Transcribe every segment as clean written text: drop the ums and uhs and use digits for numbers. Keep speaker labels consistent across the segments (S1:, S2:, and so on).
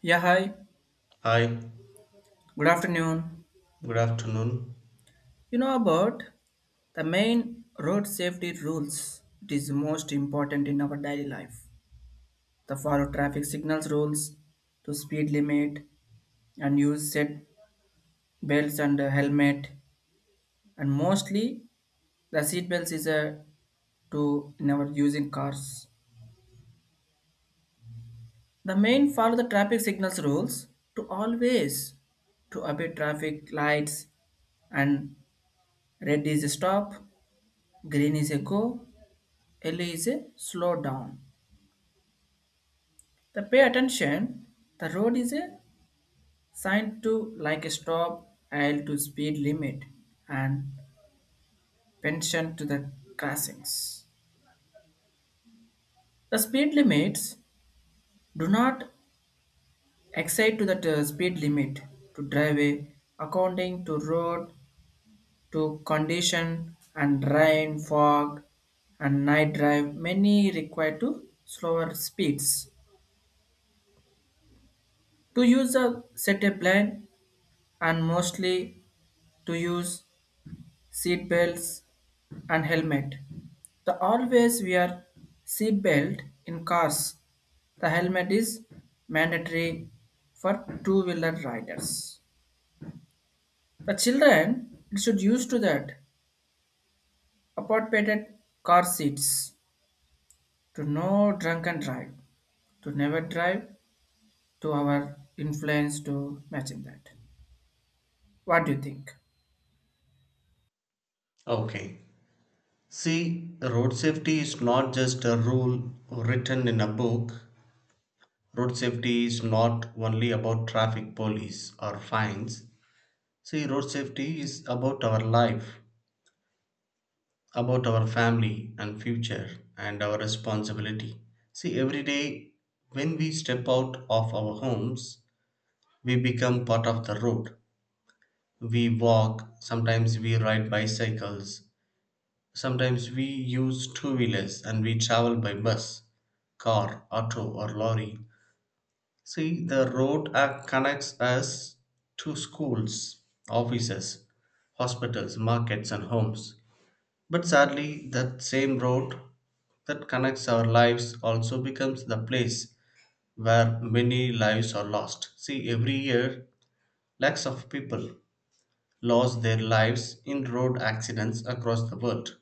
S1: Yeah, hi.
S2: Hi,
S1: Good afternoon.
S2: good afternoon.
S1: You know about the main road safety rules. It is most important in our daily life. The follow traffic signals rules to speed limit and use seat belts and helmet and mostly the seat belts is a to in our using cars. The main follow the traffic signals rules to always to obey traffic lights and red is a stop, green is a go L is a slow down. The pay attention. The road is a sign to like a stop, L to speed limit, and pension to the crossings. The speed limits do not exceed to the speed limit to driveway according to road to condition and rain, fog, and night drive many require to slower speeds to use a set a plan and mostly to use seat belts and helmet. The always wear seat belt in cars. The helmet is mandatory for two-wheeler riders. The children should use to that appropriated car seats to no drunken drive, to never drive, to our influence to matching that. What do you think?
S2: Okay. See, road safety is not just a rule written in a book. Road safety is not only about traffic police or fines. See, road safety is about our life, about our family and future, and our responsibility. See, every day when we step out of our homes, we become part of the road. We walk, sometimes we ride bicycles, sometimes we use two wheelers and we travel by bus, car, auto, or lorry. See, the road act connects us to schools, offices, hospitals, markets, and homes. But sadly, that same road that connects our lives also becomes the place where many lives are lost. See, every year, lakhs of people lost their lives in road accidents across the world,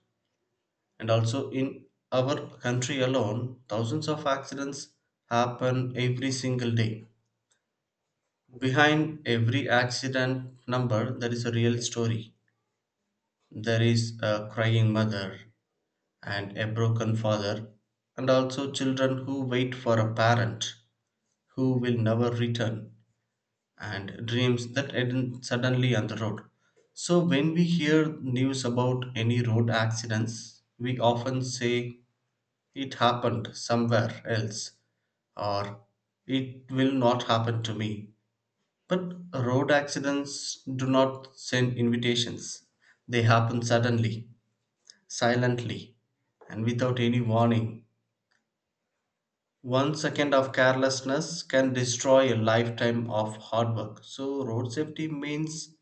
S2: and also in our country alone thousands of accidents happen every single day. Behind every accident number there is a real story. There is a crying mother and a broken father and also children who wait for a parent who will never return and dreams that end suddenly on the road. So when we hear news about any road accidents we often say, "It happened somewhere else," or "It will not happen to me." But road accidents do not send invitations. They happen suddenly, silently, and without any warning. 1 second of carelessness can destroy a lifetime of hard work. So, road safety means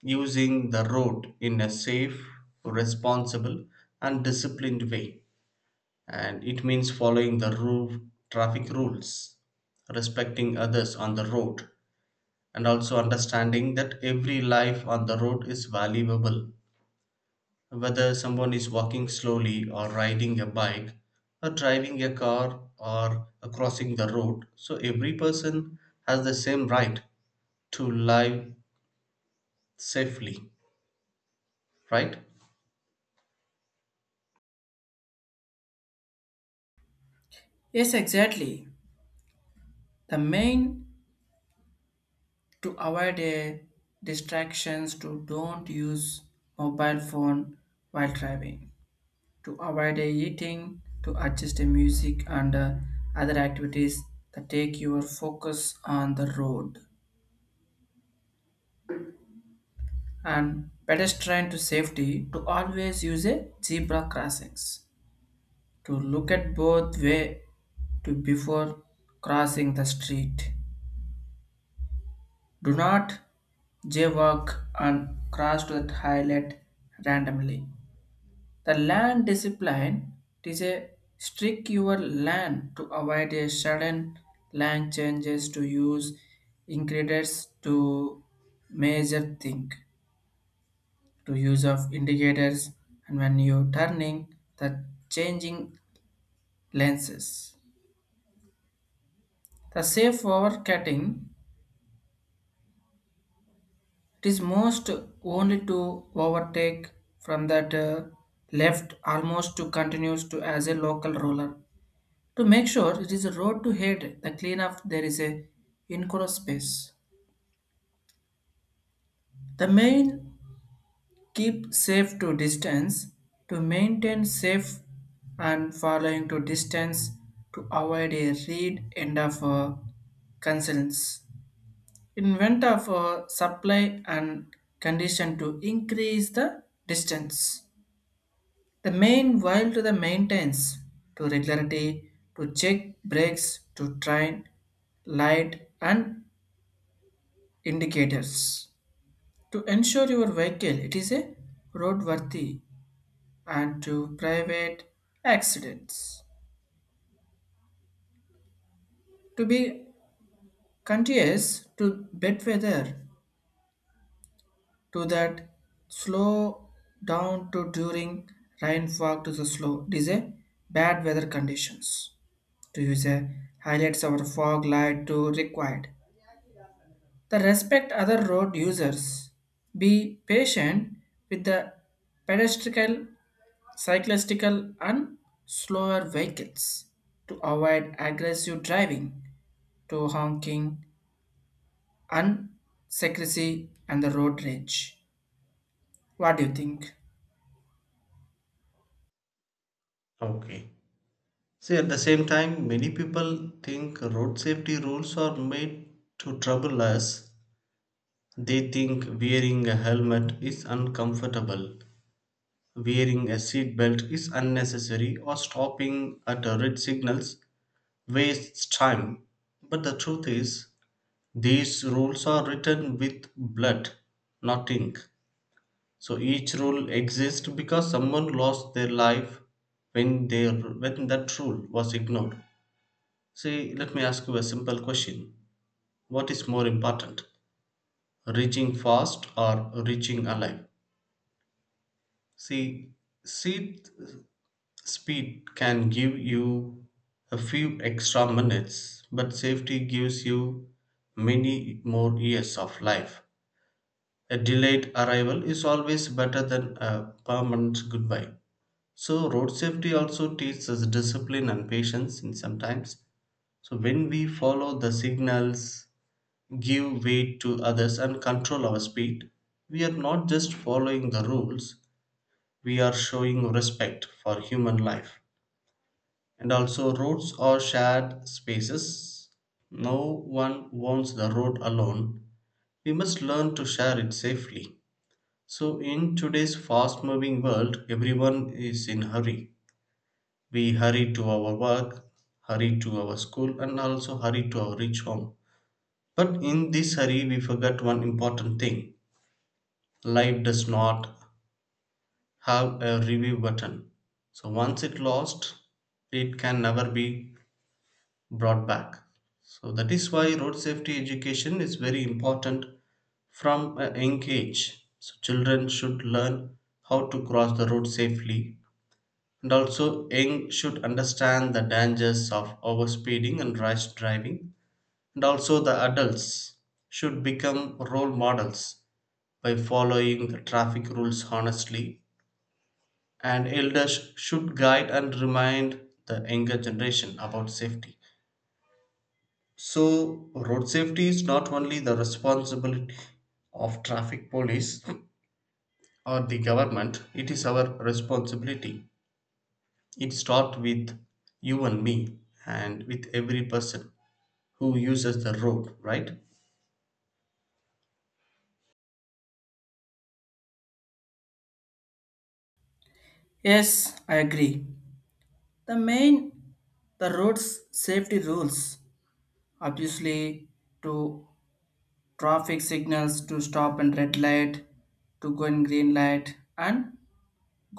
S2: using the road in a safe, responsible, and disciplined way, and it means following the rule, traffic rules, respecting others on the road, and also understanding that every life on the road is valuable. Whether someone is walking slowly, or riding a bike, or driving a car, or crossing the road, so every person has the same right to live safely, right?
S1: Yes, exactly. The main to avoid distractions to don't use mobile phone while driving to avoid eating to adjust the music and other activities that take your focus on the road and pedestrian to safety to always use a zebra crossings to look at both way to before crossing the street do not jaywalk and cross to the highlight randomly. The land discipline is a strict your land to avoid a sudden land changes to use ingredients to measure thing to use of indicators and when you turning the changing lenses. The safe overcutting it is most only to overtake from that left almost to continues to as a local roller. To make sure it is a road to head the cleanup there is a enclosed space. The main keep safe to distance to maintain safe and following to distance to avoid a read end of concerns. Invent of supply and condition to increase the distance. The main while to the maintenance to regularity to check brakes to train light and indicators to ensure your vehicle it is a roadworthy and to private accidents to be courteous to bad weather to that slow down to during rainfall to the slow it is a bad weather conditions to use a highlights our fog light to required the respect other road users be patient with the pedestrian cyclistical and slower vehicles to avoid aggressive driving to honking and secrecy and the road rage. What do you think?
S2: Okay. See, at the same time, many people think road safety rules are made to trouble us. They think wearing a helmet is uncomfortable, wearing a seatbelt is unnecessary, or stopping at a red signals wastes time. But the truth is, these rules are written with blood, not ink. So each rule exists because someone lost their life when their when that rule was ignored. See, let me ask you a simple question. What is more important, reaching fast or reaching alive? See, seat speed can give you a few extra minutes, but safety gives you many more years of life. A delayed arrival is always better than a permanent goodbye. So, road safety also teaches us discipline and patience in sometimes. So, when we follow the signals, give way to others, and control our speed, we are not just following the rules, we are showing respect for human life. And also, roads are shared spaces. No one wants the road alone. We must learn to share it safely. So, in today's fast moving world, everyone is in hurry. We hurry to our work, hurry to our school, and also hurry to our rich home. But in this hurry, we forget one important thing. Life does not have a review button. So once it lost, it can never be brought back. So that is why road safety education is very important from a young age. So children should learn how to cross the road safely, and also young should understand the dangers of overspeeding and rash driving, and also the adults should become role models by following the traffic rules honestly, and elders should guide and remind the younger generation about safety. So road safety is not only the responsibility of traffic police or the government. It is our responsibility. It starts with you and me and with every person who uses the road, right?
S1: Yes, I agree. The main the road's safety rules obviously to traffic signals to stop and red light to go in green light and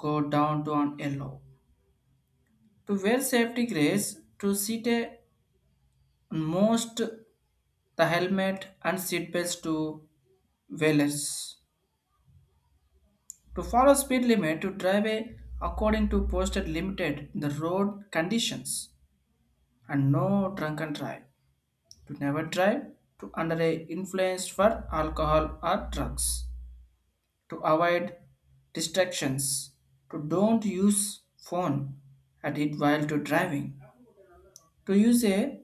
S1: go down to on yellow to wear safety grace to sit a most the helmet and seatbelts to whalers. To follow speed limit to drive according to posted limited the road conditions and no drunken drive. To never drive to under a influence for alcohol or drugs. To avoid distractions. To don't use phone at it while to driving. To use a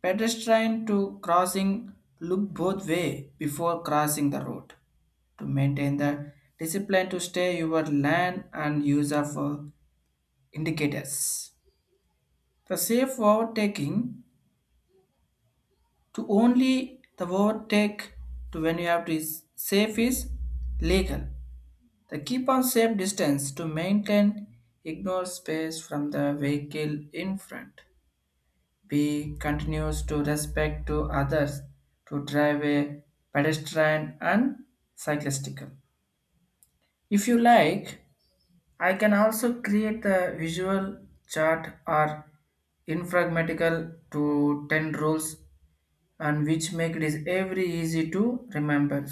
S1: pedestrian to crossing look both way before crossing the road to maintain the discipline to stay your land and use of indicators. The safe overtaking to only the overtake to when you have to is safe is legal. The keep on safe distance to maintain ignore space from the vehicle in front. B continues to respect to others to drive a pedestrian and cyclistical. If you like, I can also create the visual chart or infragmatical to 10 rules and which make it is every easy to remember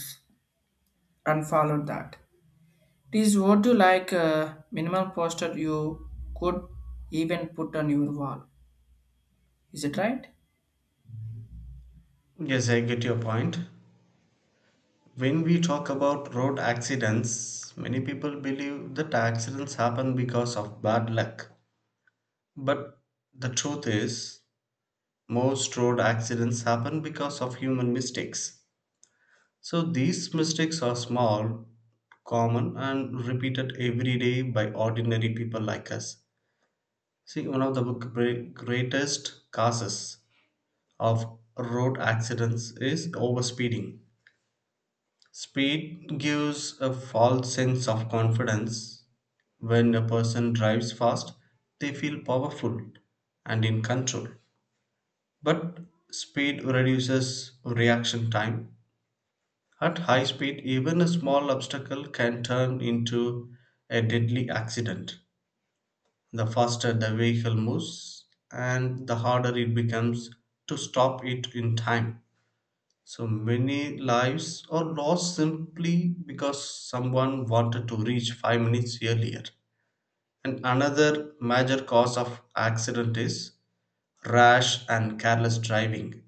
S1: and follow that. It is what you like minimal poster you could even put on your wall. Is it right?
S2: Yes, I get your point. When we talk about road accidents, many people believe that accidents happen because of bad luck. But the truth is, most road accidents happen because of human mistakes. So these mistakes are small, common, and repeated every day by ordinary people like us. See, one of the greatest causes of road accidents is overspeeding. Speed gives a false sense of confidence. When a person drives fast, they feel powerful and in control. But speed reduces reaction time. At high speed, even a small obstacle can turn into a deadly accident. The faster the vehicle moves, and the harder it becomes to stop it in time. So many lives are lost simply because someone wanted to reach 5 minutes earlier. And another major cause of accident is rash and careless driving.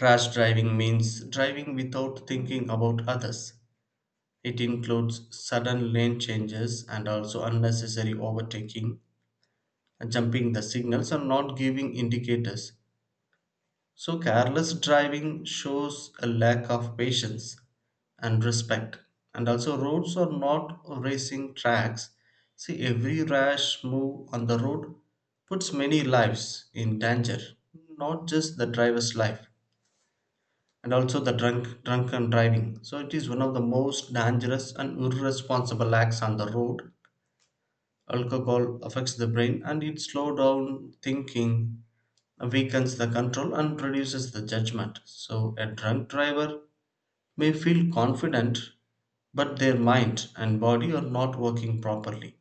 S2: Rash driving means driving without thinking about others. It includes sudden lane changes and also unnecessary overtaking, jumping the signals, and not giving indicators. So, careless driving shows a lack of patience and respect. And also, roads are not racing tracks. See, every rash move on the road puts many lives in danger, not just the driver's life. And also the drunken driving, so it is one of the most dangerous and irresponsible acts on the road. Alcohol affects the brain and it slows down thinking, weakens the control and reduces the judgment. So a drunk driver may feel confident, but their mind and body are not working properly.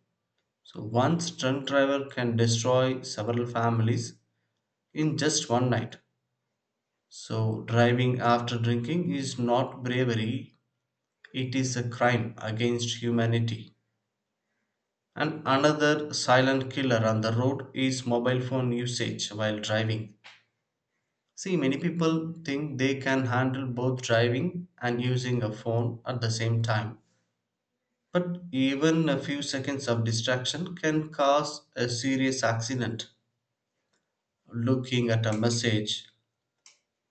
S2: So one drunk driver can destroy several families in just one night. So driving after drinking is not bravery. It is a crime against humanity. And another silent killer on the road is mobile phone usage while driving. See, many people think they can handle both driving and using a phone at the same time. But even a few seconds of distraction can cause a serious accident. Looking at a message,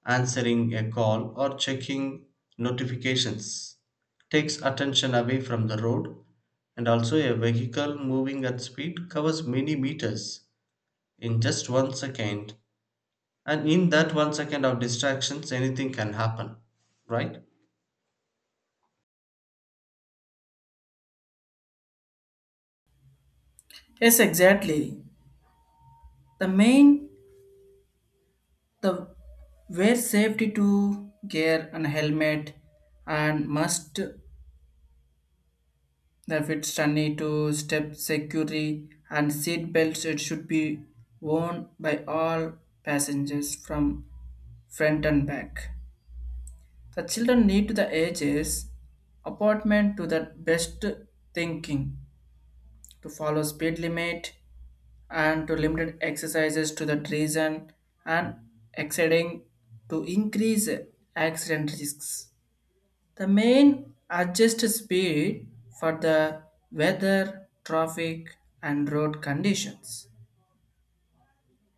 S2: answering a call or checking notifications takes attention away from the road, and also a vehicle moving at speed covers many meters in just 1 second. And in that 1 second of distractions, anything can happen, right?
S1: Yes, exactly. The main the wear safety to gear and helmet and must. The it's need to step security and seat belts, it should be worn by all passengers from front and back. The children need to the ages apartment to the best thinking to follow speed limit and to limited exercises to the reason and exceeding to increase accident risks. The main adjust speed for the weather, traffic, and road conditions.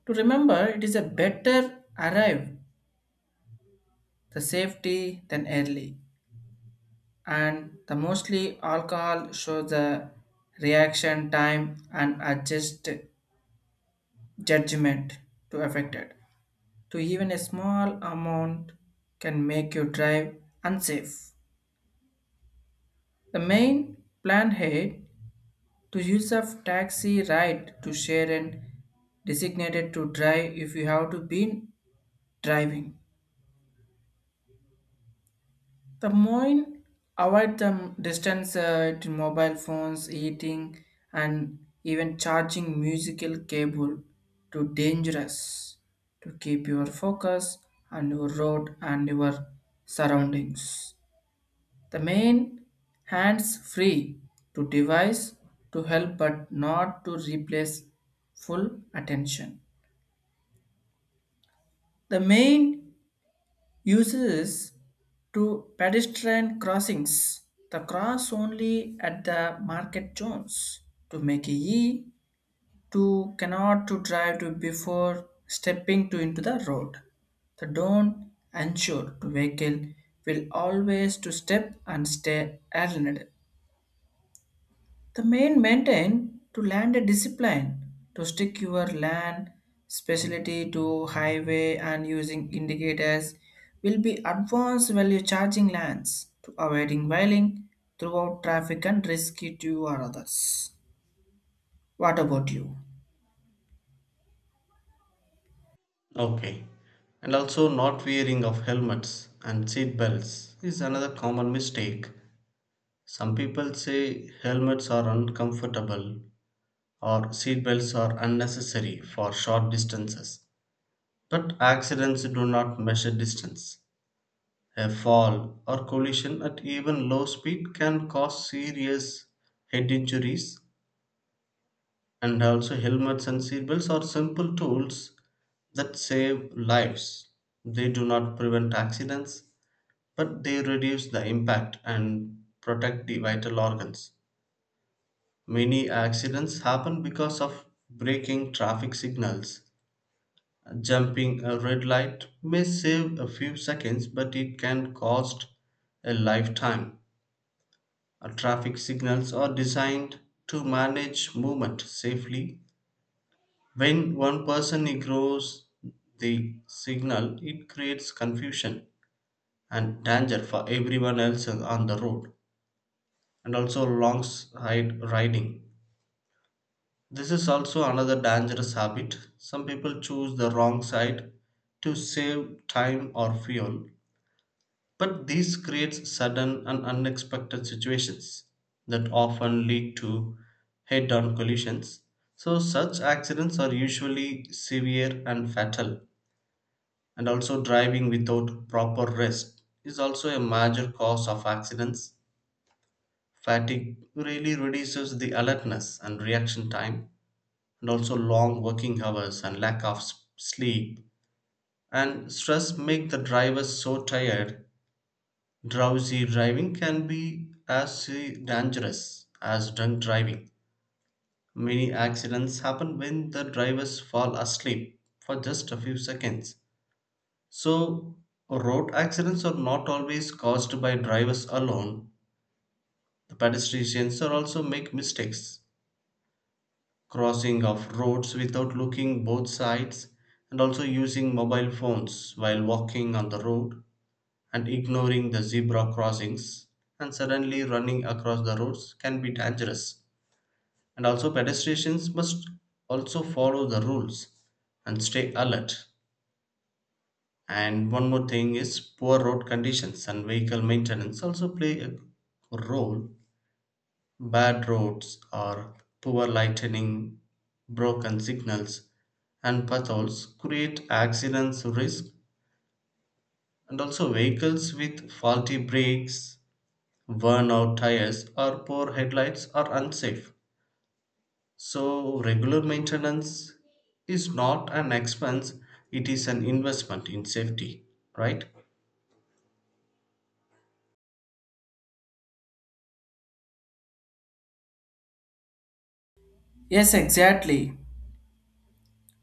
S1: To remember, it is a better arrive the safety than early, and the mostly alcohol shows the reaction time and adjust judgment to affected. To even a small amount can make you drive unsafe. The main plan ahead. To use of taxi ride to share and designated to drive if you have to been driving. The more avoid the distance to mobile phones, eating and even charging musical cable to dangerous to keep your focus on your road and your surroundings. The main hands free to device to help but not to replace full attention. The main uses to pedestrian crossings. The cross only at the market zones to make a E to cannot to drive to before stepping to into the road. The don't ensure to vehicle will always to step and stay aligned. The main maintain to land a discipline to stick your land specialty to highway and using indicators will be advanced value charging lands to avoiding whaling throughout traffic and risky to or others. What about you?
S2: Okay. And also, not wearing of helmets and seat belts is another common mistake. Some people say helmets are uncomfortable or seatbelts are unnecessary for short distances. But accidents do not measure distance. A fall or collision at even low speed can cause serious head injuries, and also helmets and seatbelts are simple tools that save lives. They do not prevent accidents, but they reduce the impact and protect the vital organs. Many accidents happen because of breaking traffic signals. Jumping a red light may save a few seconds, but it can cost a lifetime. Traffic signals are designed to manage movement safely. When one person ignores the signal, it creates confusion and danger for everyone else on the road, and also long side riding. This is also another dangerous habit. Some people choose the wrong side to save time or fuel. But this creates sudden and unexpected situations that often lead to head on collisions. So, such accidents are usually severe and fatal, and also driving without proper rest is also a major cause of accidents. Fatigue really reduces the alertness and reaction time, and also long working hours and lack of sleep and stress make the driver so tired. Drowsy driving can be as dangerous as drunk driving. Many accidents happen when the drivers fall asleep for just a few seconds. So, road accidents are not always caused by drivers alone. The pedestrians are also make mistakes, crossing of roads without looking both sides, and also using mobile phones while walking on the road and ignoring the zebra crossings and suddenly running across the roads can be dangerous. And also, pedestrians must also follow the rules and stay alert. And one more thing is poor road conditions and vehicle maintenance also play a role. Bad roads or poor lighting, broken signals, and potholes create accidents risk, and also vehicles with faulty brakes, worn out tires or poor headlights are unsafe. So, regular maintenance is not an expense, it is an investment in safety, right?
S1: Yes, exactly.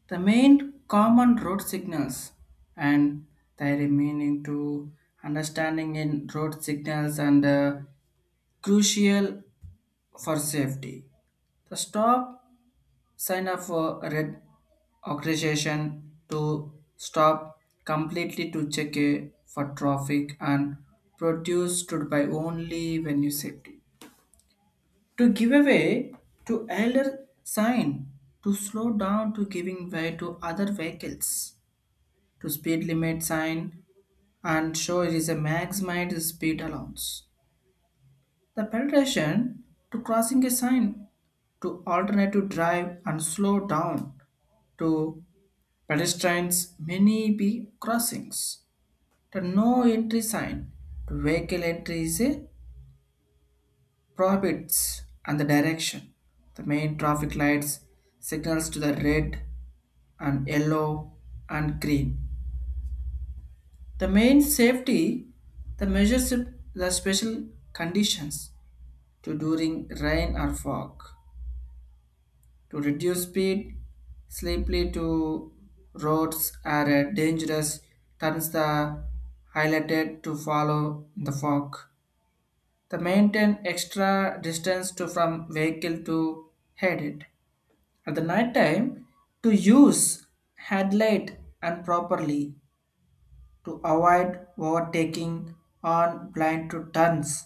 S1: The main common road signals and their meaning to understanding in road signals and crucial for safety. The stop sign up for red organization to stop completely to check a for traffic and produce stood by only when you safety. To give away to elder sign to slow down to giving way to other vehicles to speed limit sign and show it is a maximized speed allowance. The penetration to crossing a sign to alternative drive and slow down to pedestrians many be crossings. The no entry sign to vehicle entry is a prohibits and the direction. The main traffic lights signals to the red and yellow and green. The main safety the measures the special conditions to during rain or fog. To reduce speed, slippery to roads are dangerous turns the highlighted to follow in the fog. The maintain extra distance to from vehicle to head it. At the night time, to use headlight and properly to avoid overtaking on blind to turns.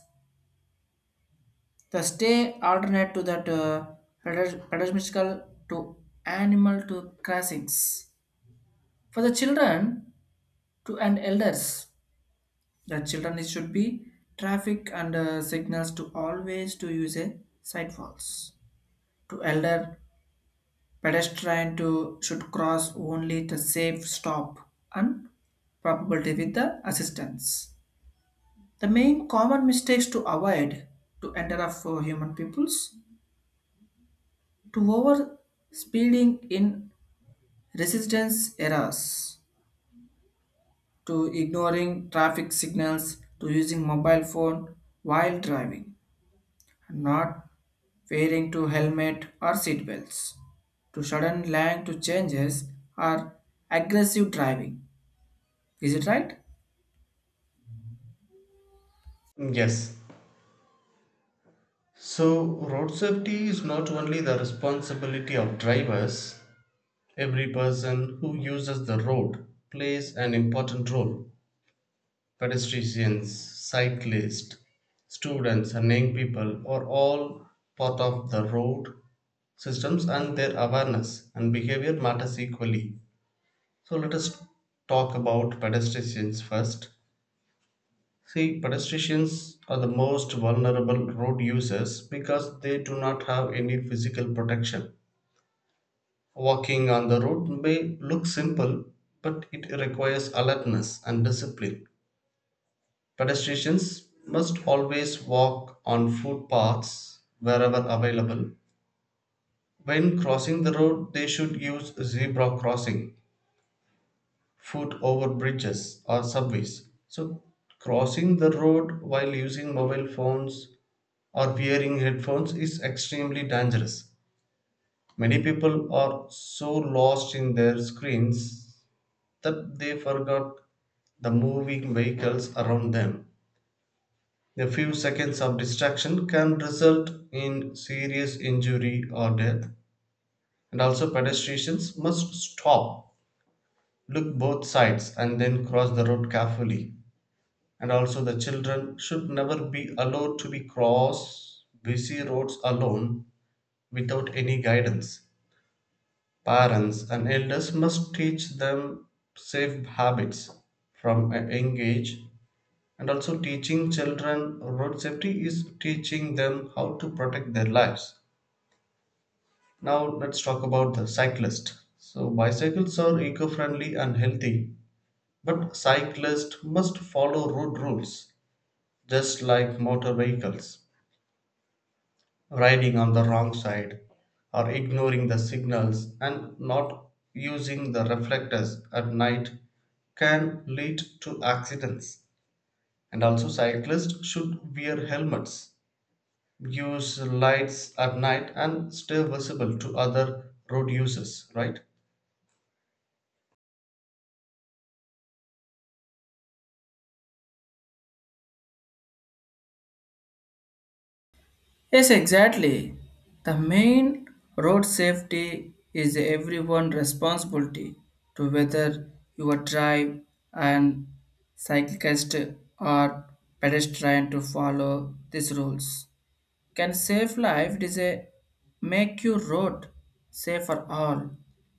S1: The stay alternate to that pedestrian to animal to crossings. For the children to and elders the children it should be traffic and signals to always to use a sidewalks to elder pedestrian to should cross only the safe stop and probability with the assistance. The main common mistakes to avoid to enter of human peoples to over speeding in residence areas to ignoring traffic signals to using mobile phone while driving not wearing to helmet or seat belts to sudden language changes or aggressive driving, is it right?
S2: Yes. So, road safety is not only the responsibility of drivers, every person who uses the road plays an important role. Pedestrians, cyclists, students, and young people are all part of the road systems and their awareness and behavior matters equally. So let us talk about pedestrians first. See, pedestrians are the most vulnerable road users because they do not have any physical protection. Walking on the road may look simple, but it requires alertness and discipline. Pedestrians must always walk on footpaths wherever available. When crossing the road, they should use zebra crossing, foot over bridges or subways. So, crossing the road while using mobile phones or wearing headphones is extremely dangerous. Many people are so lost in their screens that they forgot the moving vehicles around them. A few seconds of distraction can result in serious injury or death. And also, pedestrians must stop, look both sides, and then cross the road carefully. And also the children should never be allowed to be cross busy roads alone without any guidance. Parents and elders must teach them safe habits from a young age, and also teaching children road safety is teaching them how to protect their lives. Now let's talk about the cyclist. So bicycles are eco-friendly and healthy, but cyclists must follow road rules just like motor vehicles. Riding on the wrong side or ignoring the signals and not using the reflectors at night can lead to accidents, and also cyclists should wear helmets, use lights at night and stay visible to other road users, right?
S1: Yes, exactly. The main road safety is everyone responsibility to whether you are drive and cyclist or pedestrian to follow these rules can save life. It is a make your road safe for all.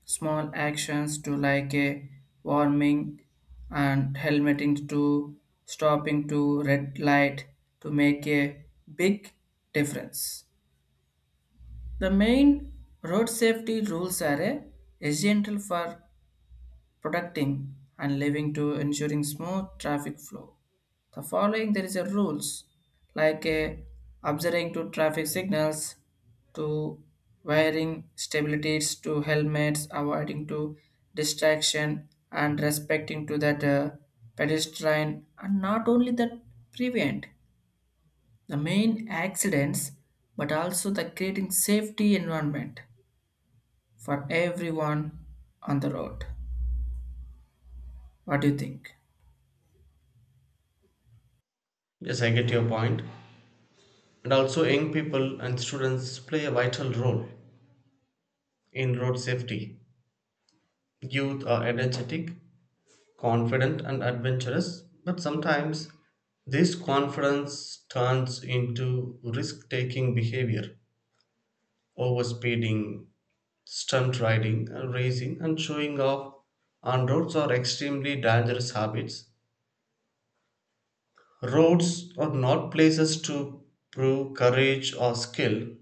S1: Small actions to like a warming and helmeting to stopping to red light to make a big difference. The main road safety rules are a essential for protecting and leaving to ensuring smooth traffic flow. The following there is a rules like a observing to traffic signals to wearing stabilities to helmets avoiding to distraction and respecting to that pedestrian and not only that prevent the main accidents but also the creating safety environment for everyone on the road. What do you think?
S2: Yes, I get your point. And also young people and students play a vital role in road safety. Youth are energetic, confident and adventurous, but sometimes this confidence turns into risk taking behavior. Overspeeding, stunt riding, racing, and showing off on roads are extremely dangerous habits. Roads are not places to prove courage or skill.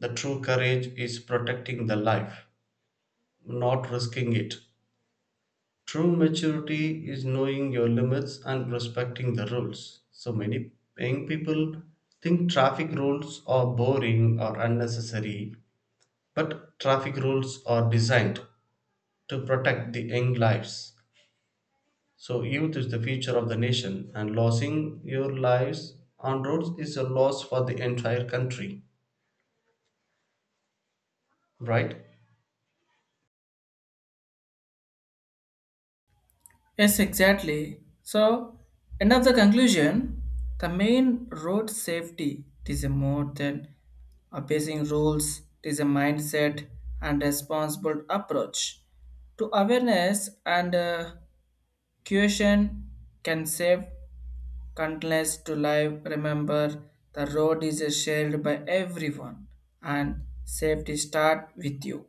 S2: The true courage is protecting the life, not risking it. True maturity is knowing your limits and respecting the rules. So many young people think traffic rules are boring or unnecessary, but traffic rules are designed to protect the young lives. So youth is the future of the nation, and losing your lives on roads is a loss for the entire country, right?
S1: Yes, exactly. So, end of the conclusion, the main road safety it is a more than obeying rules, it is a mindset and responsible approach to awareness and caution can save countless to life. Remember, the road is shared by everyone and safety start with you.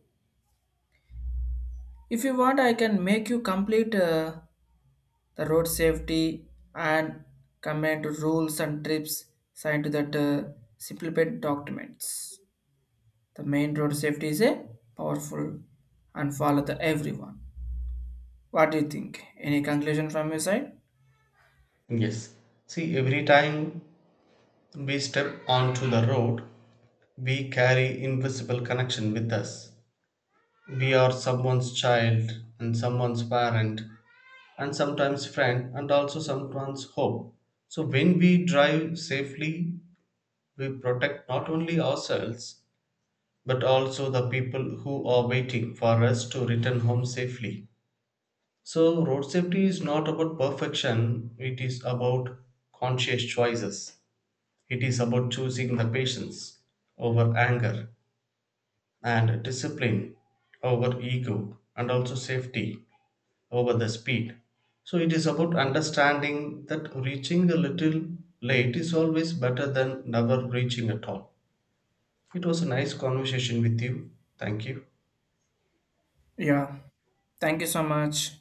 S1: If you want, I can make you complete. The road safety and comment rules and trips signed to that simplified documents. The main road safety is a powerful and follow the everyone. What do you think? Any conclusion from your side?
S2: Yes. See, every time we step onto the road, we carry invisible connection with us. We are someone's child and someone's parent and sometimes friend and also someone's hope. So when we drive safely, we protect not only ourselves but also the people who are waiting for us to return home safely. So road safety is not about perfection, it is about conscious choices. It is about choosing the patience over anger and discipline over ego and also safety over the speed. So it is about understanding that reaching a little late is always better than never reaching at all. It was a nice conversation with you. Thank you.
S1: Yeah. Thank you so much.